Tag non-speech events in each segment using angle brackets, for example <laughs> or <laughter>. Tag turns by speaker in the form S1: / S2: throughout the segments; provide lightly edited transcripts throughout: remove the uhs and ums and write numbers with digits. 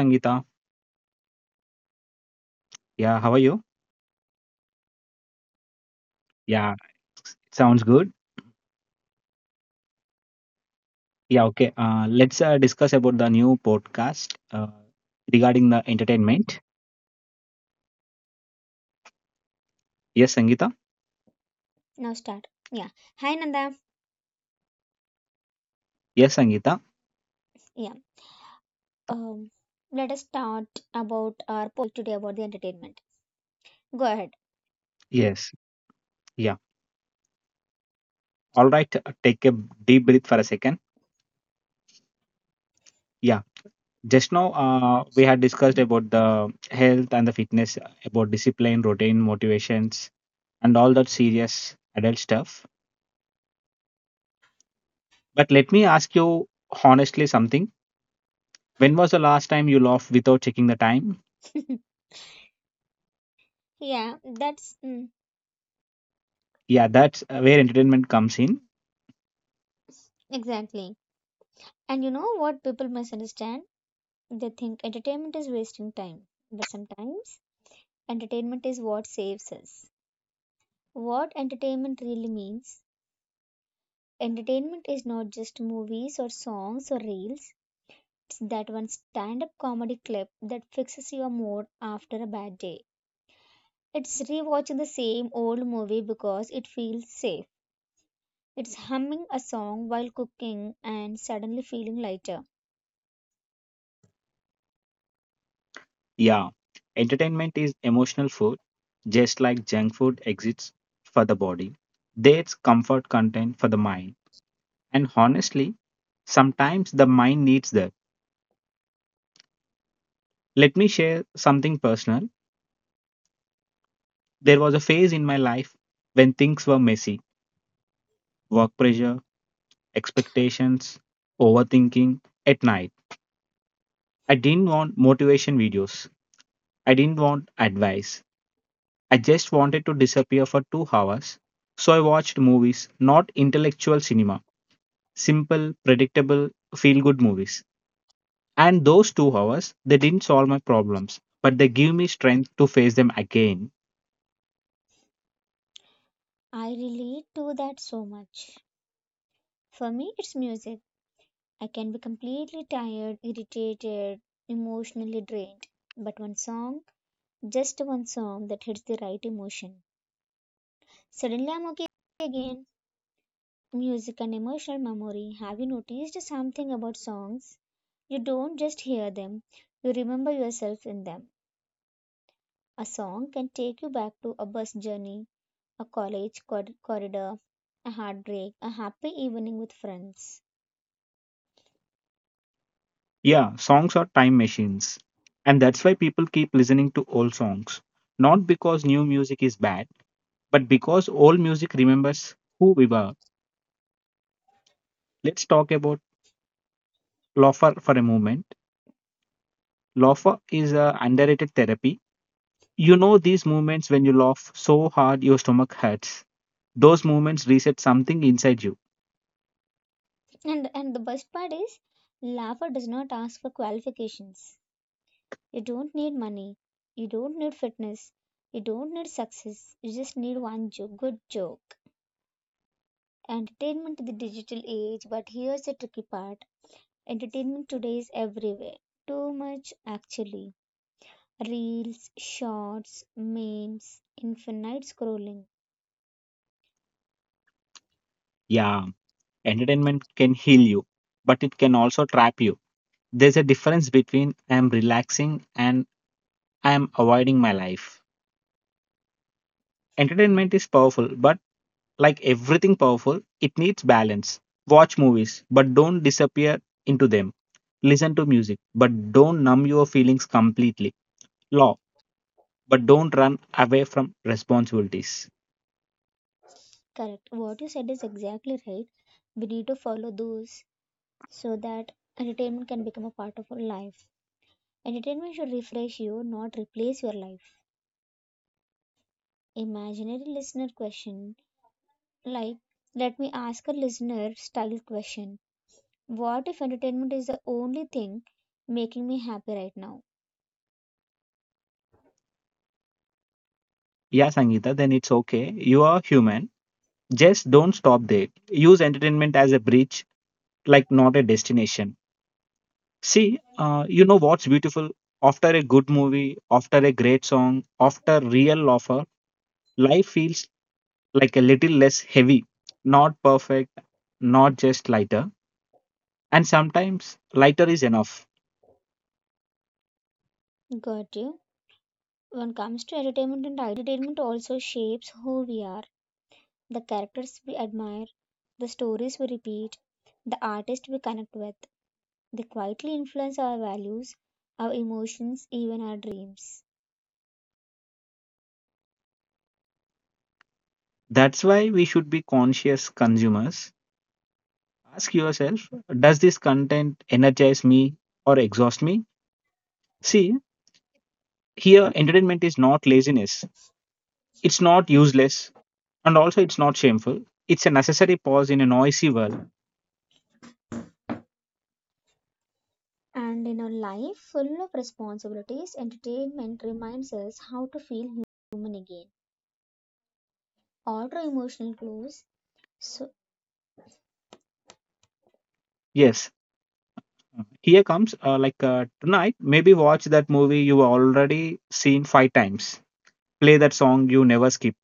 S1: Sangeeta. Yeah, how are you? Yeah, sounds good. Yeah, okay. Let's discuss about the new podcast regarding the entertainment. Yes, Sangeeta.
S2: Now start. Yeah. Hi Nanda.
S1: Yes, Sangeeta.
S2: Yeah. Um Let us start about our podcast topic today about the entertainment. Go ahead.
S1: Yes. Yeah. All right. Take a deep breath for a second. Yeah. Just now, we had discussed about the health and the fitness, about discipline, routine, motivations, and all that serious adult stuff. But let me ask you honestly something. When was the last time you laughed without checking the time?
S2: <laughs> Yeah, that's
S1: Yeah, that's where entertainment comes in.
S2: exactly. And you know what people misunderstand? They think entertainment is wasting time. But sometimes entertainment is what saves us. What entertainment really means? Entertainment is not just movies or songs or reels. It's that one stand up comedy clip that fixes your mood after a bad day. It's rewatching the same old movie because it feels safe. It's humming a song while cooking and suddenly feeling lighter.
S1: Yeah, entertainment is emotional food, just like junk food exists for the body. There's comfort content for the mind. And honestly, sometimes the mind needs that. Let me share something personal. There was a phase in my life when things were messy work pressure, expectations, overthinking at night. I didn't want motivation videos, I didn't want advice. I just wanted to disappear for 2 hours. So I watched movies, not intellectual cinema, simple, predictable, feel good movies. And those 2 hours, they didn't solve my problems, but they give me strength to face them again.
S2: I relate to that so much. For me, it's music. I can be completely tired, irritated, emotionally drained. But one song, just one song that hits the right emotion. Suddenly I'm okay again. Music and emotional memory. Have you noticed something about songs? You don't just hear them, you remember yourself in them. A song can take you back to a bus journey, a college corridor, a heartbreak, a happy evening with friends.
S1: Yeah, songs are time machines. And that's why people keep listening to old songs. Not because new music is bad, but because old music remembers who we were. Let's talk about Loafer for a moment. Loafer is an underrated therapy. You know these moments when you laugh so hard your stomach hurts. Those moments reset something inside you.
S2: And the best part is, laughter does not ask for qualifications. You don't need money. You don't need fitness. You don't need success. You just need one joke, good joke. Entertainment in the digital age, but here's the tricky part. Entertainment today is everywhere. Too much actually. Reels, shorts, memes, infinite scrolling.
S1: Yeah, entertainment can heal you, but it can also trap you. There's a difference between I am relaxing and I am avoiding my life. Entertainment is powerful, but like everything powerful, it needs balance. Watch movies, but don't disappear into them. Listen to music, but don't numb your feelings completely. Law, but don't run away from responsibilities.
S2: Correct. What you said is exactly right. We need to follow those so that entertainment can become a part of our life. Entertainment should refresh you, not replace your life. Imaginary listener question like, let me ask a listener style question. What if entertainment is the only thing making me happy right now?
S1: Yeah, Sangeeta, then it's okay. You are human. Just don't stop there. Use entertainment as a bridge, like not a destination. See, you know what's beautiful? After a good movie, after a great song, after real lover, life feels like a little less heavy, not perfect, not just lighter. And sometimes lighter is enough.
S2: Got you? When it comes to entertainment and identity, entertainment also shapes who we are, the characters we admire, the stories we repeat, the artists we connect with. They quietly influence our values, our emotions, even our dreams.
S1: That's why we should be conscious consumers. Ask yourself, does this content energize me or exhaust me? See, here, entertainment is not laziness, it's not useless, and also it's not shameful. It's a necessary pause in a noisy world.
S2: And in a life full of responsibilities, entertainment reminds us how to feel human again. Order emotional clues. So
S1: Yes, here comes like tonight, maybe watch that movie you already seen five times, play that song you never skip,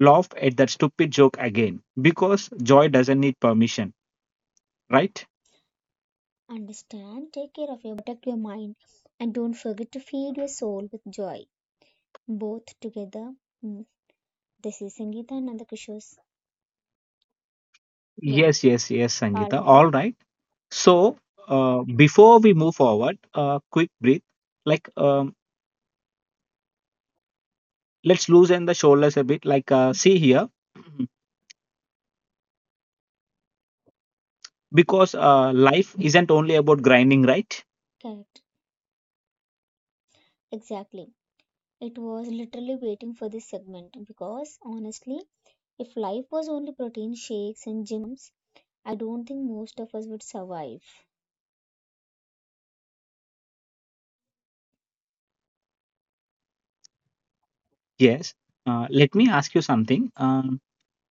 S1: laugh at that stupid joke again, because joy doesn't need permission, right?
S2: understand, take care of your body, protect your mind, and don't forget to feed your soul with joy. Both together. Mm, This is Sangeeta and Nandakusho's. Yeah.
S1: Yes, yes, yes,
S2: All
S1: Sangeeta. All
S2: right.
S1: right. So, before we move forward, quick breath. Like, let's loosen the shoulders a bit. Like, see here, <clears throat> because life isn't only about grinding, right?
S2: Correct. Exactly. It was literally waiting for this segment because honestly, if life was only protein shakes and gym alarms, I don't think most of us would survive.
S1: Yes. Let me ask you something.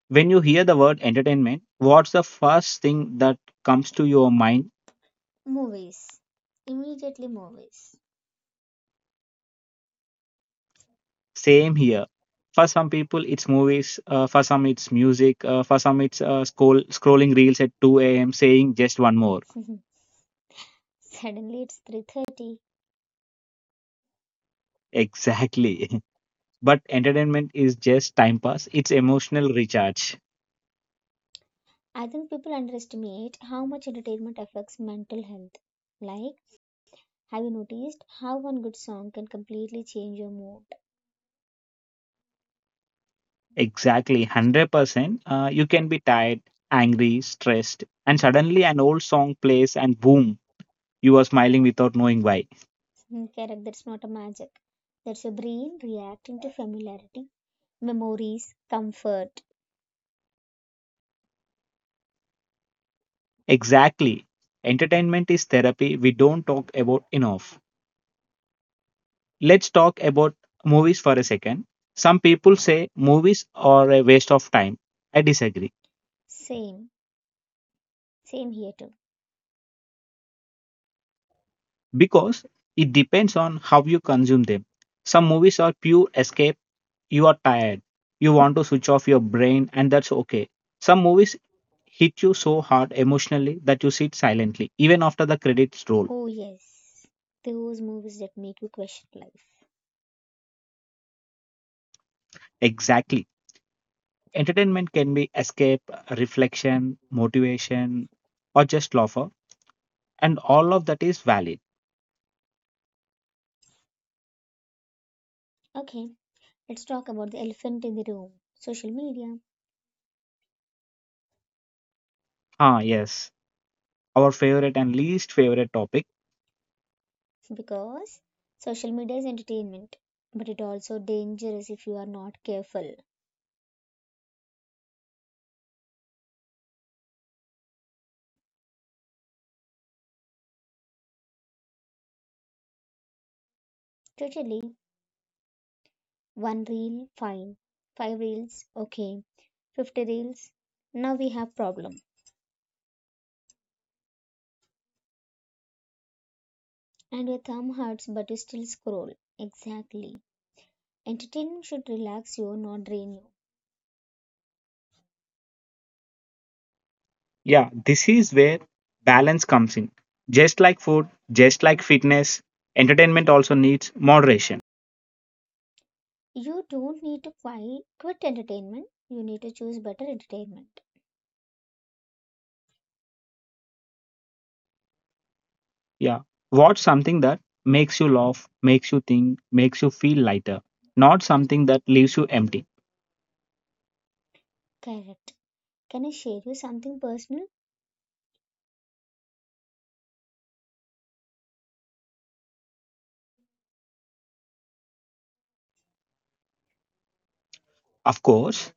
S1: When you hear the word entertainment, what's the first thing that comes to your mind?
S2: Movies. Immediately movies.
S1: Same here. For some people, it's movies. For some, it's music. For some, it's scrolling reels at 2 a.m. saying just one more.
S2: <laughs> Suddenly it's 3:30.
S1: Exactly. <laughs> But entertainment is just time pass, it's emotional recharge.
S2: I think people underestimate how much entertainment affects mental health. Like, have you noticed how one good song can completely change your mood?
S1: Exactly, 100%. You can be tired, angry, stressed, and suddenly an old song plays, and boom, you are smiling without knowing why.
S2: <laughs> Correct, that's not a magic. That's your brain reacting to familiarity, memories, comfort.
S1: Exactly. Entertainment is therapy we don't talk about enough. Let's talk about movies for a second. Some people say movies are a waste of time. I disagree,
S2: Same. Same here too.
S1: because it depends on how you consume them. Some movies are pure escape. You are tired. You want to switch off your brain, and that's okay. Some movies hit you so hard emotionally that you sit silently, even after the credits roll.
S2: Oh, yes. Those movies that make you question life.
S1: Exactly. Entertainment can be escape, reflection, motivation, or just laughter, and all of that is valid.
S2: Okay, let's talk about the elephant in the room, social media.
S1: Ah, yes, our favorite and least favorite topic.
S2: Because social media is entertainment, but it also dangerous if you are not careful. Totally. One reel, fine. Five reels, okay. 50 reels. Now we have problem. And your thumb hurts, but you still scroll. Exactly. Entertainment should relax you, not drain you.
S1: Yeah, this is where balance comes in. Just like food, just like fitness, entertainment also needs moderation.
S2: You don't need to quit entertainment. You need to choose better entertainment.
S1: Yeah, watch something that makes you laugh, makes you think, makes you feel lighter, not something that leaves you empty.
S2: Correct. Can I share you something personal?
S1: Of course,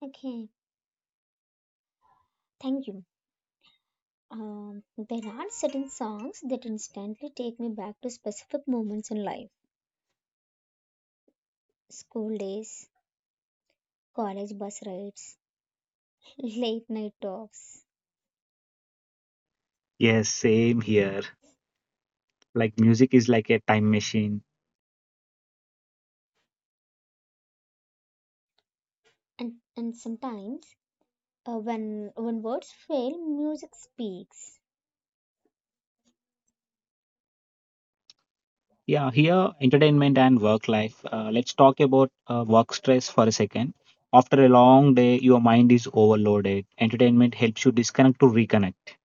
S2: Okay, thank you. Um, there are certain songs that instantly take me back to specific moments in life, school days, college bus rides, <laughs> late night talks,
S1: yes, same here. Like music is like a time machine.
S2: and sometimes when, words fail, music speaks.
S1: Yeah, here, entertainment and work life. Let's talk about work stress for a second. After a long day, your mind is overloaded. Entertainment helps you disconnect to reconnect.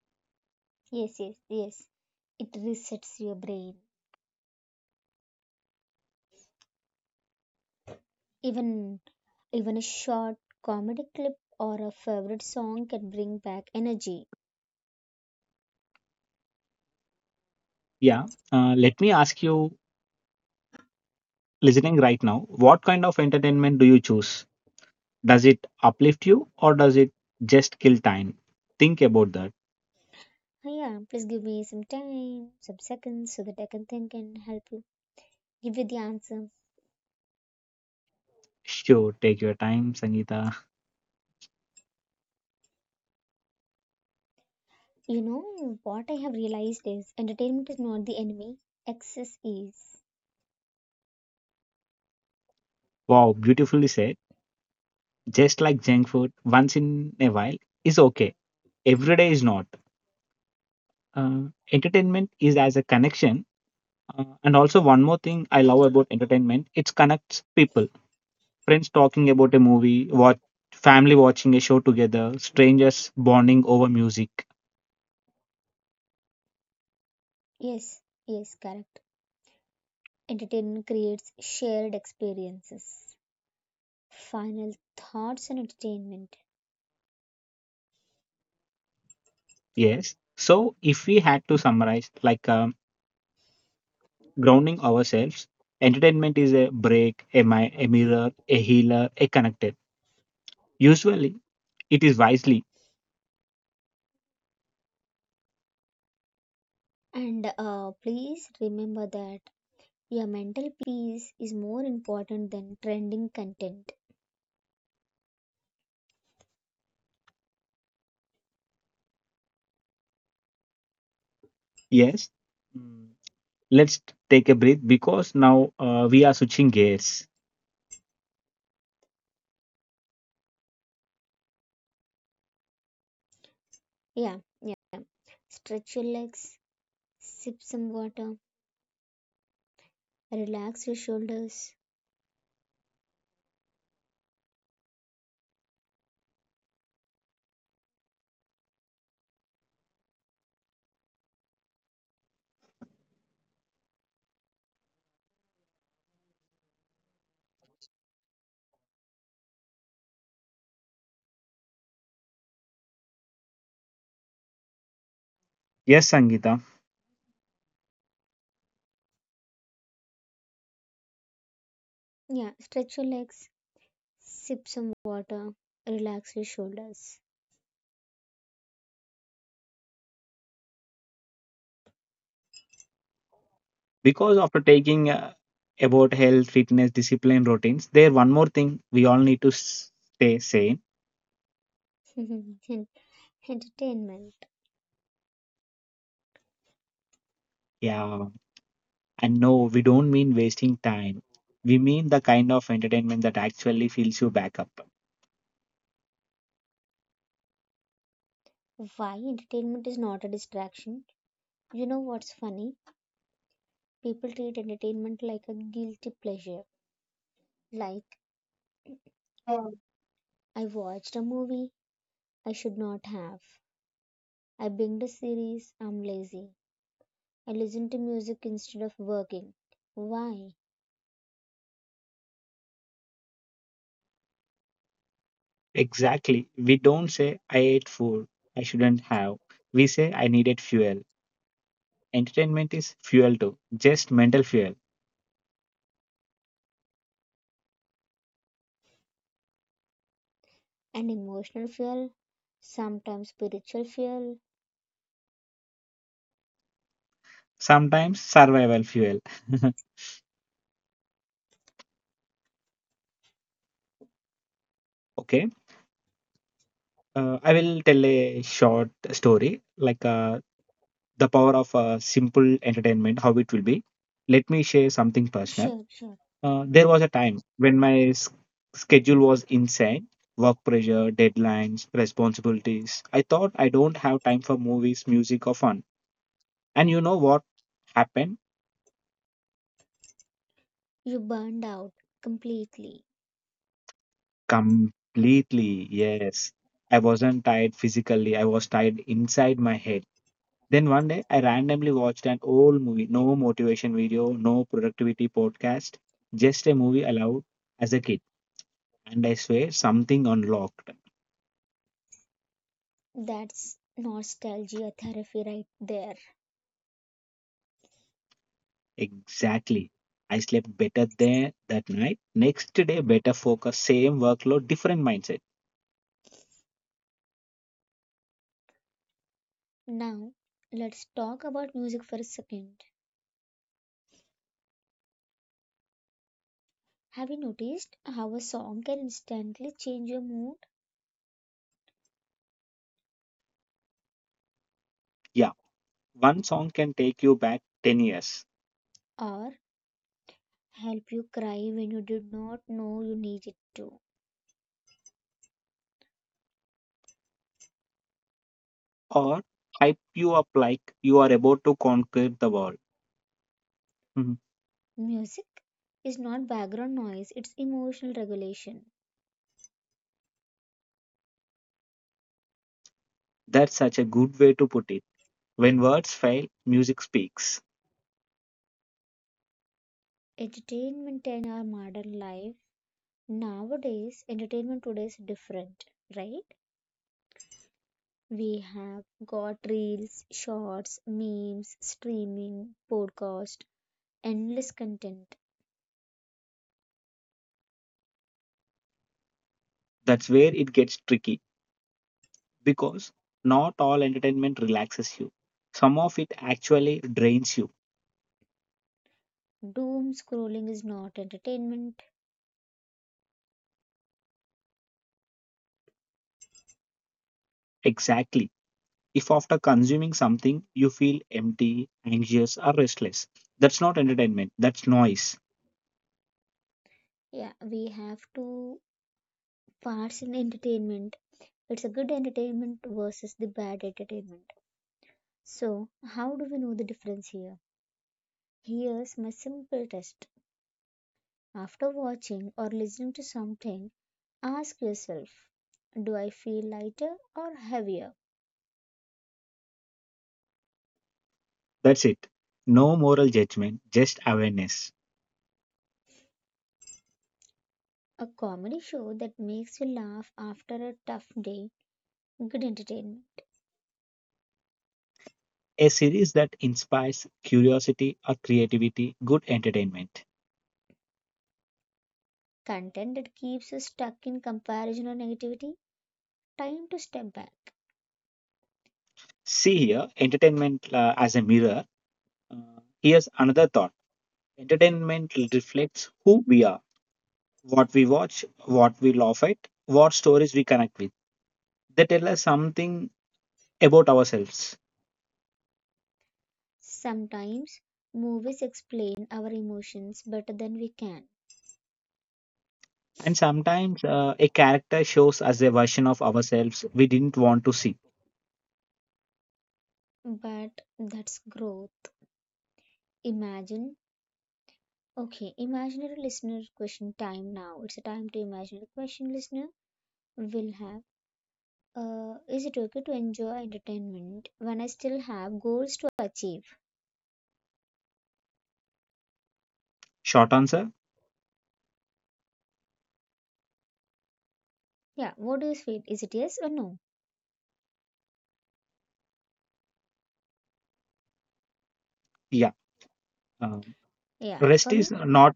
S2: Yes, yes, yes. It resets your brain. Even, even a short comedy clip or a favorite song can bring back energy.
S1: Yeah. Let me ask you, listening right now, what kind of entertainment do you choose? Does it uplift you or does it just kill time? Think about that.
S2: Yeah, please give me some time, some seconds, so that I can think and help you give you the answer.
S1: Sure, take your time, Sangeeta.
S2: You know, what I have realized is entertainment is not the enemy, excess is.
S1: Wow, beautifully said. Just like junk food, once in a while is okay. Every day is not. Uh, Entertainment is as a connection. And also, one more thing I love about entertainment, it connects people friends talking about a movie, what family watching a show together, strangers bonding over music.
S2: Yes, yes, correct. Entertainment creates shared experiences. Final thoughts on entertainment.
S1: Yes. So if we had to summarize, like grounding ourselves, entertainment is a break, a mirror, a healer, a connected. Usually, it is wisely.
S2: And please remember that your mental peace is more important than trending content.
S1: Yes. Mm, let's take a breath because now we are switching gears.
S2: Yeah, yeah. Stretch your legs, sip some water. Relax your shoulders.
S1: Yes, Sangita.
S2: Yeah, stretch your legs. Sip some water. Relax your shoulders.
S1: Because after taking about health, fitness, discipline, routines, there one more thing we all need to stay sane.
S2: <laughs> Entertainment.
S1: Yeah, and no, we don't mean wasting time. We mean the kind of entertainment that actually fills you back up.
S2: Why entertainment is not a distraction? You know what's funny? People treat entertainment like a guilty pleasure. Like, I watched a movie I should not have. I binged a series I'm lazy. I listened to music instead of working. Why?
S1: Exactly. We don't say, I ate food, I shouldn't have. We say, I needed fuel. Entertainment is fuel too, just mental fuel,
S2: An emotional fuel? Sometimes spiritual fuel?
S1: sometimes survival fuel. <laughs> Okay, I will tell a short story like the power of simple entertainment, how it will be. Let me share something personal.
S2: Sure, sure.
S1: There was a time when my schedule was insane work pressure, deadlines, responsibilities. I thought I don't have time for movies, music, or fun. And you know what happened?
S2: You burned out completely.
S1: Completely, yes. I wasn't tired physically, I was tired inside my head. Then one day, I randomly watched an old movie, no motivation video, no productivity podcast, just a movie allowed as a kid. And I swear, something unlocked.
S2: That's nostalgia therapy right there.
S1: Exactly. I slept better there that night. Next day, better focus, same workload, different mindset.
S2: Now, let's talk about music for a second. Have you noticed how a song can instantly change your mood
S1: Yeah, one song can take you back 10 years
S2: or help you cry when you did not know you needed to?
S1: or hype you up like you are about to conquer the world. Mhm.
S2: Music is not background noise, it's emotional regulation.
S1: That's such a good way to put it. When words fail, music speaks.
S2: Entertainment in our modern life nowadays, entertainment today is different, right? We have got reels, shorts, memes, streaming, podcast, endless content.
S1: That's where it gets tricky because not all entertainment relaxes you, some of it actually drains you.
S2: Doom scrolling is not entertainment.
S1: Exactly. If after consuming something you feel empty, anxious, or restless, that's not entertainment, that's noise.
S2: Yeah, we have two parts in entertainment. It's a good entertainment versus the bad entertainment. So, how do we know the difference? Here? Here's my simple test. After watching or listening to something, ask yourself, do I feel lighter or heavier?
S1: That's it. No moral judgment, just awareness.
S2: A comedy show that makes you laugh after a tough day. Good entertainment.
S1: A series that inspires curiosity or creativity, good entertainment.
S2: Content that keeps you stuck in comparison or negativity. Time to step back.
S1: See here, entertainment as a mirror. Here's another thought entertainment reflects who we are, what we watch, what we laugh at, what stories we connect with. They tell us something about ourselves.
S2: Sometimes movies explain our emotions better than we can,
S1: And sometimes a character shows us a version of ourselves we didn't want to see.
S2: but that's growth. Imagine, okay, imaginary listener question time now. It's a time to imaginary question listener will have. Is it okay to enjoy entertainment when I still have goals to achieve?
S1: Short answer
S2: Yeah, what do you feel? Is it yes or no?
S1: yeah. Um,
S2: Yeah,
S1: Rest
S2: for me,
S1: is not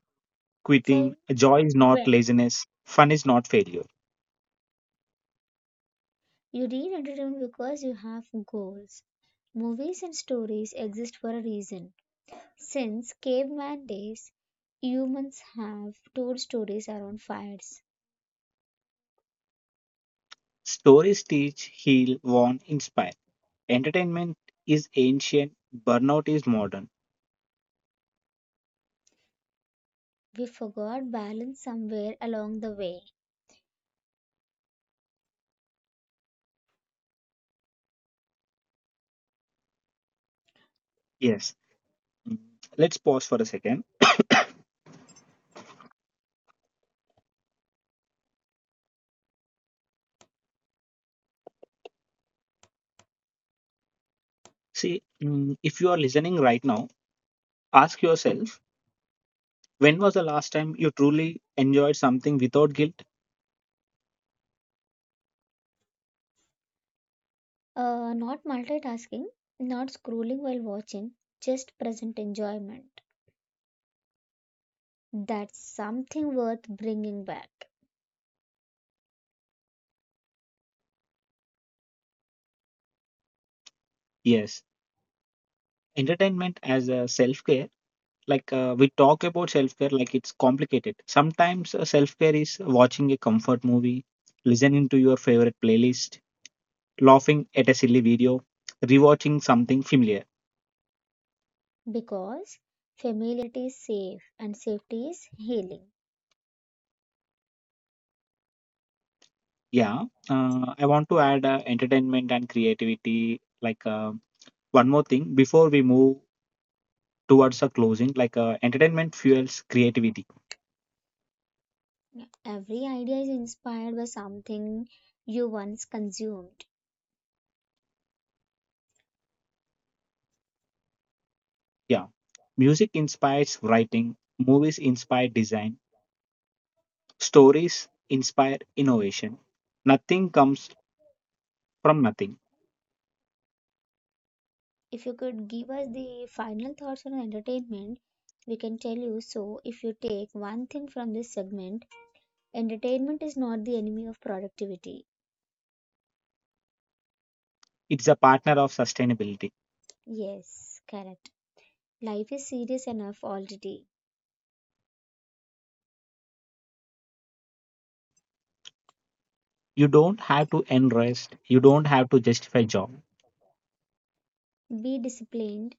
S2: for
S1: quitting, joy is not
S2: when
S1: laziness, fun is not failure.
S2: you read entertainment because you have goals. Movies and stories exist for a reason. Since caveman days, humans have told stories around fires.
S1: Stories teach, heal, warn, inspire. Entertainment is ancient, burnout is modern.
S2: We forgot balance somewhere along the way.
S1: Yes. Mm, let's pause for a second. See, if you are listening right now, ask yourself when was the last time you truly enjoyed something without guilt?
S2: Not multitasking, not scrolling while watching, just present enjoyment. That's something worth bringing back
S1: Yes, entertainment as a self care. Like, we talk about self care like it's complicated. Sometimes self care is watching a comfort movie, listening to your favorite playlist, laughing at a silly video, rewatching something familiar.
S2: because familiarity is safe and safety is healing.
S1: Yeah, I want to add entertainment and creativity. Like, one more thing before we move towards a closing. Like, entertainment fuels creativity.
S2: Every idea is inspired by something you once consumed.
S1: Yeah, music inspires writing, movies inspire design, stories inspire innovation. Nothing comes from nothing.
S2: If you could give us the final thoughts on entertainment, we can tell you. So, if you take one thing from this segment, entertainment is not the enemy of productivity.
S1: It's a partner of sustainability.
S2: Yes, correct. Life is serious enough already.
S1: You don't have to enrest. You don't have to justify job.
S2: Be disciplined,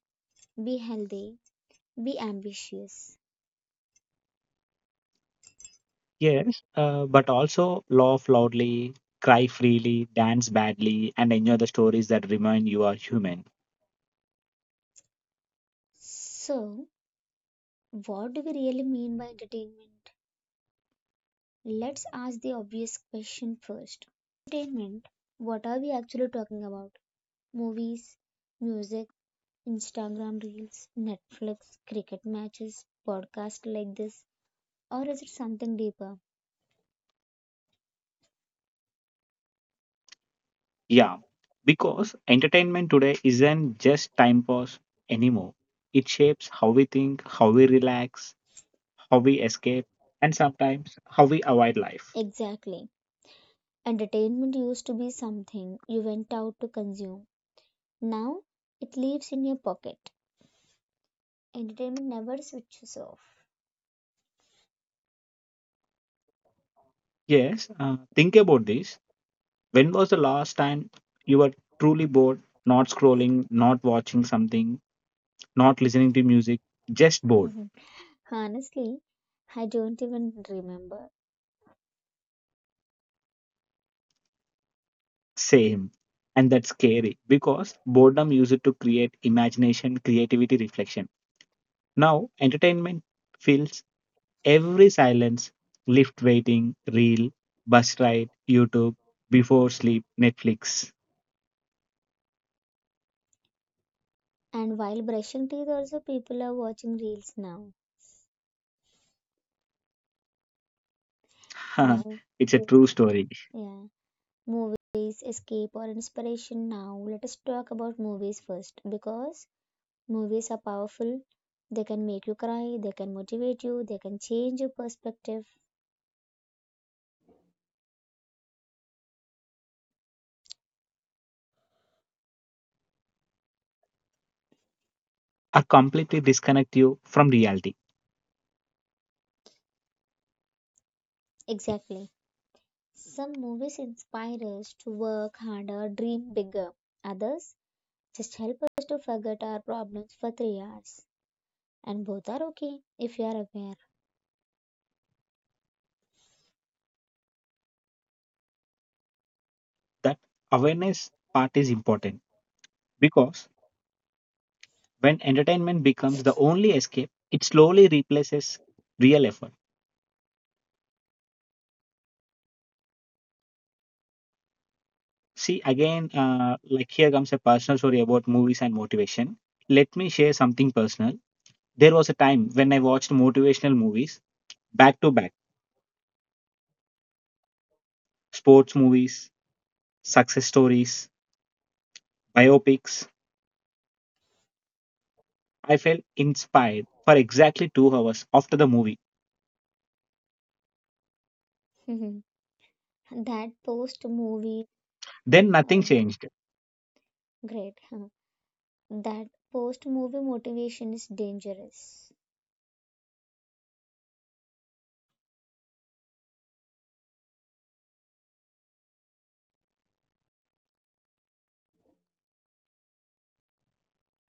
S2: be healthy, be ambitious.
S1: Yes, but also laugh loudly, cry freely, dance badly, and enjoy the stories that remind you are human.
S2: So, what do we really mean by entertainment? Let's ask the obvious question first. When we say entertainment, what are we actually talking about? Movies, music, Instagram reels, Netflix, cricket matches, podcasts like this, or is it something deeper?
S1: Yeah, because entertainment today isn't just time pass anymore. It shapes how we think, how we relax, how we escape, and sometimes how we avoid life.
S2: Exactly. Entertainment used to be something you went out to consume. Now it lives in your pocket. Entertainment never switches off.
S1: Yes, think about this. When was the last time you were truly bored, not scrolling, not watching something, not listening to music, just bored?
S2: <laughs> Honestly, I don't even remember.
S1: Same. And that's scary because boredom used to create imagination, creativity, reflection. Now, entertainment fills every silence, lift waiting, reel, bus ride, YouTube, before sleep, Netflix.
S2: And while brushing teeth, also people are watching reels now.
S1: <laughs>
S2: Now,
S1: It's a
S2: we-
S1: true story.
S2: yeah. Movies, escape, or inspiration. Now, let us talk about movies first because movies are powerful. They can make you cry, they can motivate you, they can change your perspective.
S1: I completely disconnect you from reality.
S2: Exactly. Some movies inspire us to work harder, dream bigger. Others just help us to forget our problems for 3 hours. And both are okay if you are
S1: That awareness part is important because when entertainment becomes the only escape, it slowly replaces real effort. See, again, like here comes a personal story about movies and motivation. Let me share something personal. There was a time when I watched motivational movies back to back sports movies, success stories, biopics. I felt inspired for exactly 2 hours after the movie.
S2: aware. <laughs> That post movie,
S1: Then nothing
S2: oh,
S1: changed.
S2: great. <laughs> That post movie motivation is dangerous.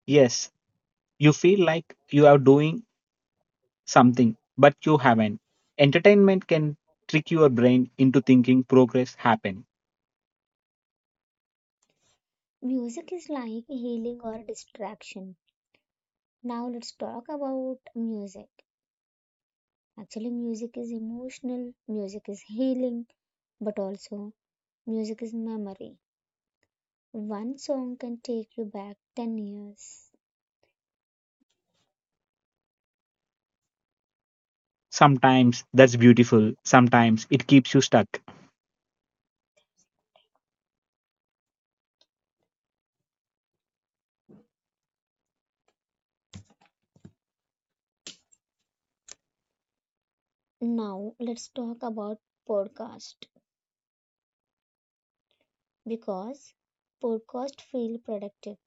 S1: Yes, you feel like you are doing something, but you haven't. Entertainment can trick your brain into thinking progress happened.
S2: Music is like healing or distraction. Now let's talk about music. Actually, music is emotional, music is healing, but also music is memory. One song can take you back 10 years.
S1: Sometimes that's beautiful, sometimes it keeps you stuck,
S2: Now let's talk about podcast because podcast feel productive.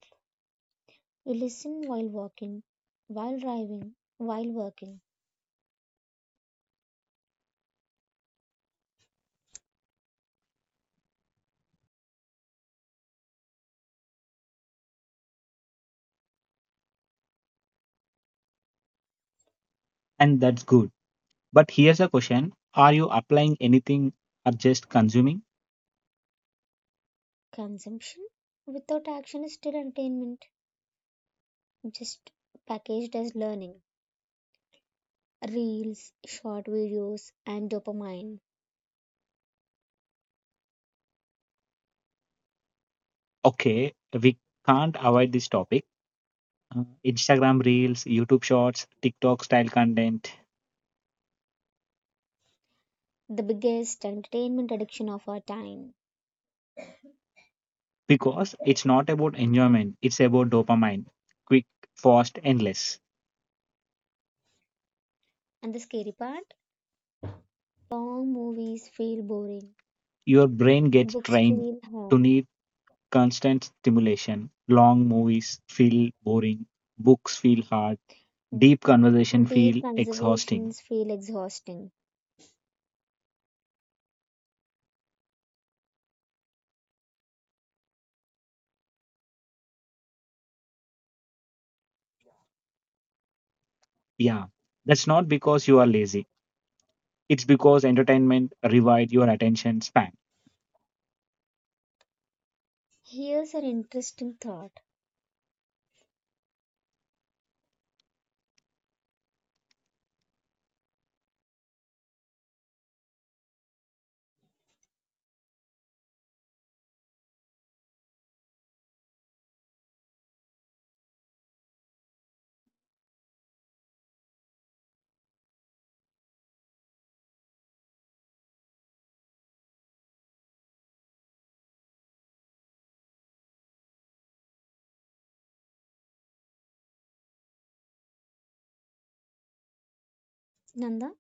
S2: You listen while walking, while driving, while working.
S1: and that's good. But here's a question. Are you applying anything or just consuming?
S2: Consumption without action is still entertainment, just packaged as learning. Reels, short videos, and dopamine,
S1: Okay, we can't avoid this topic. Instagram Reels, YouTube Shorts, TikTok style content,
S2: the biggest entertainment addiction of our time.
S1: because it's not about enjoyment, it's about dopamine quick, fast, endless.
S2: And the scary part? Your brain gets trained to need constant stimulation. Long movies feel boring,
S1: Your brain gets
S2: books
S1: trained
S2: feel hard,
S1: to need constant stimulation. Long movies feel boring, books feel hard, deep conversation
S2: deep
S1: feel exhausting.
S2: conversations feel exhausting.
S1: Yeah, that's not because you are lazy. It's because entertainment revives your attention span.
S2: Here's an interesting thought, Nanda.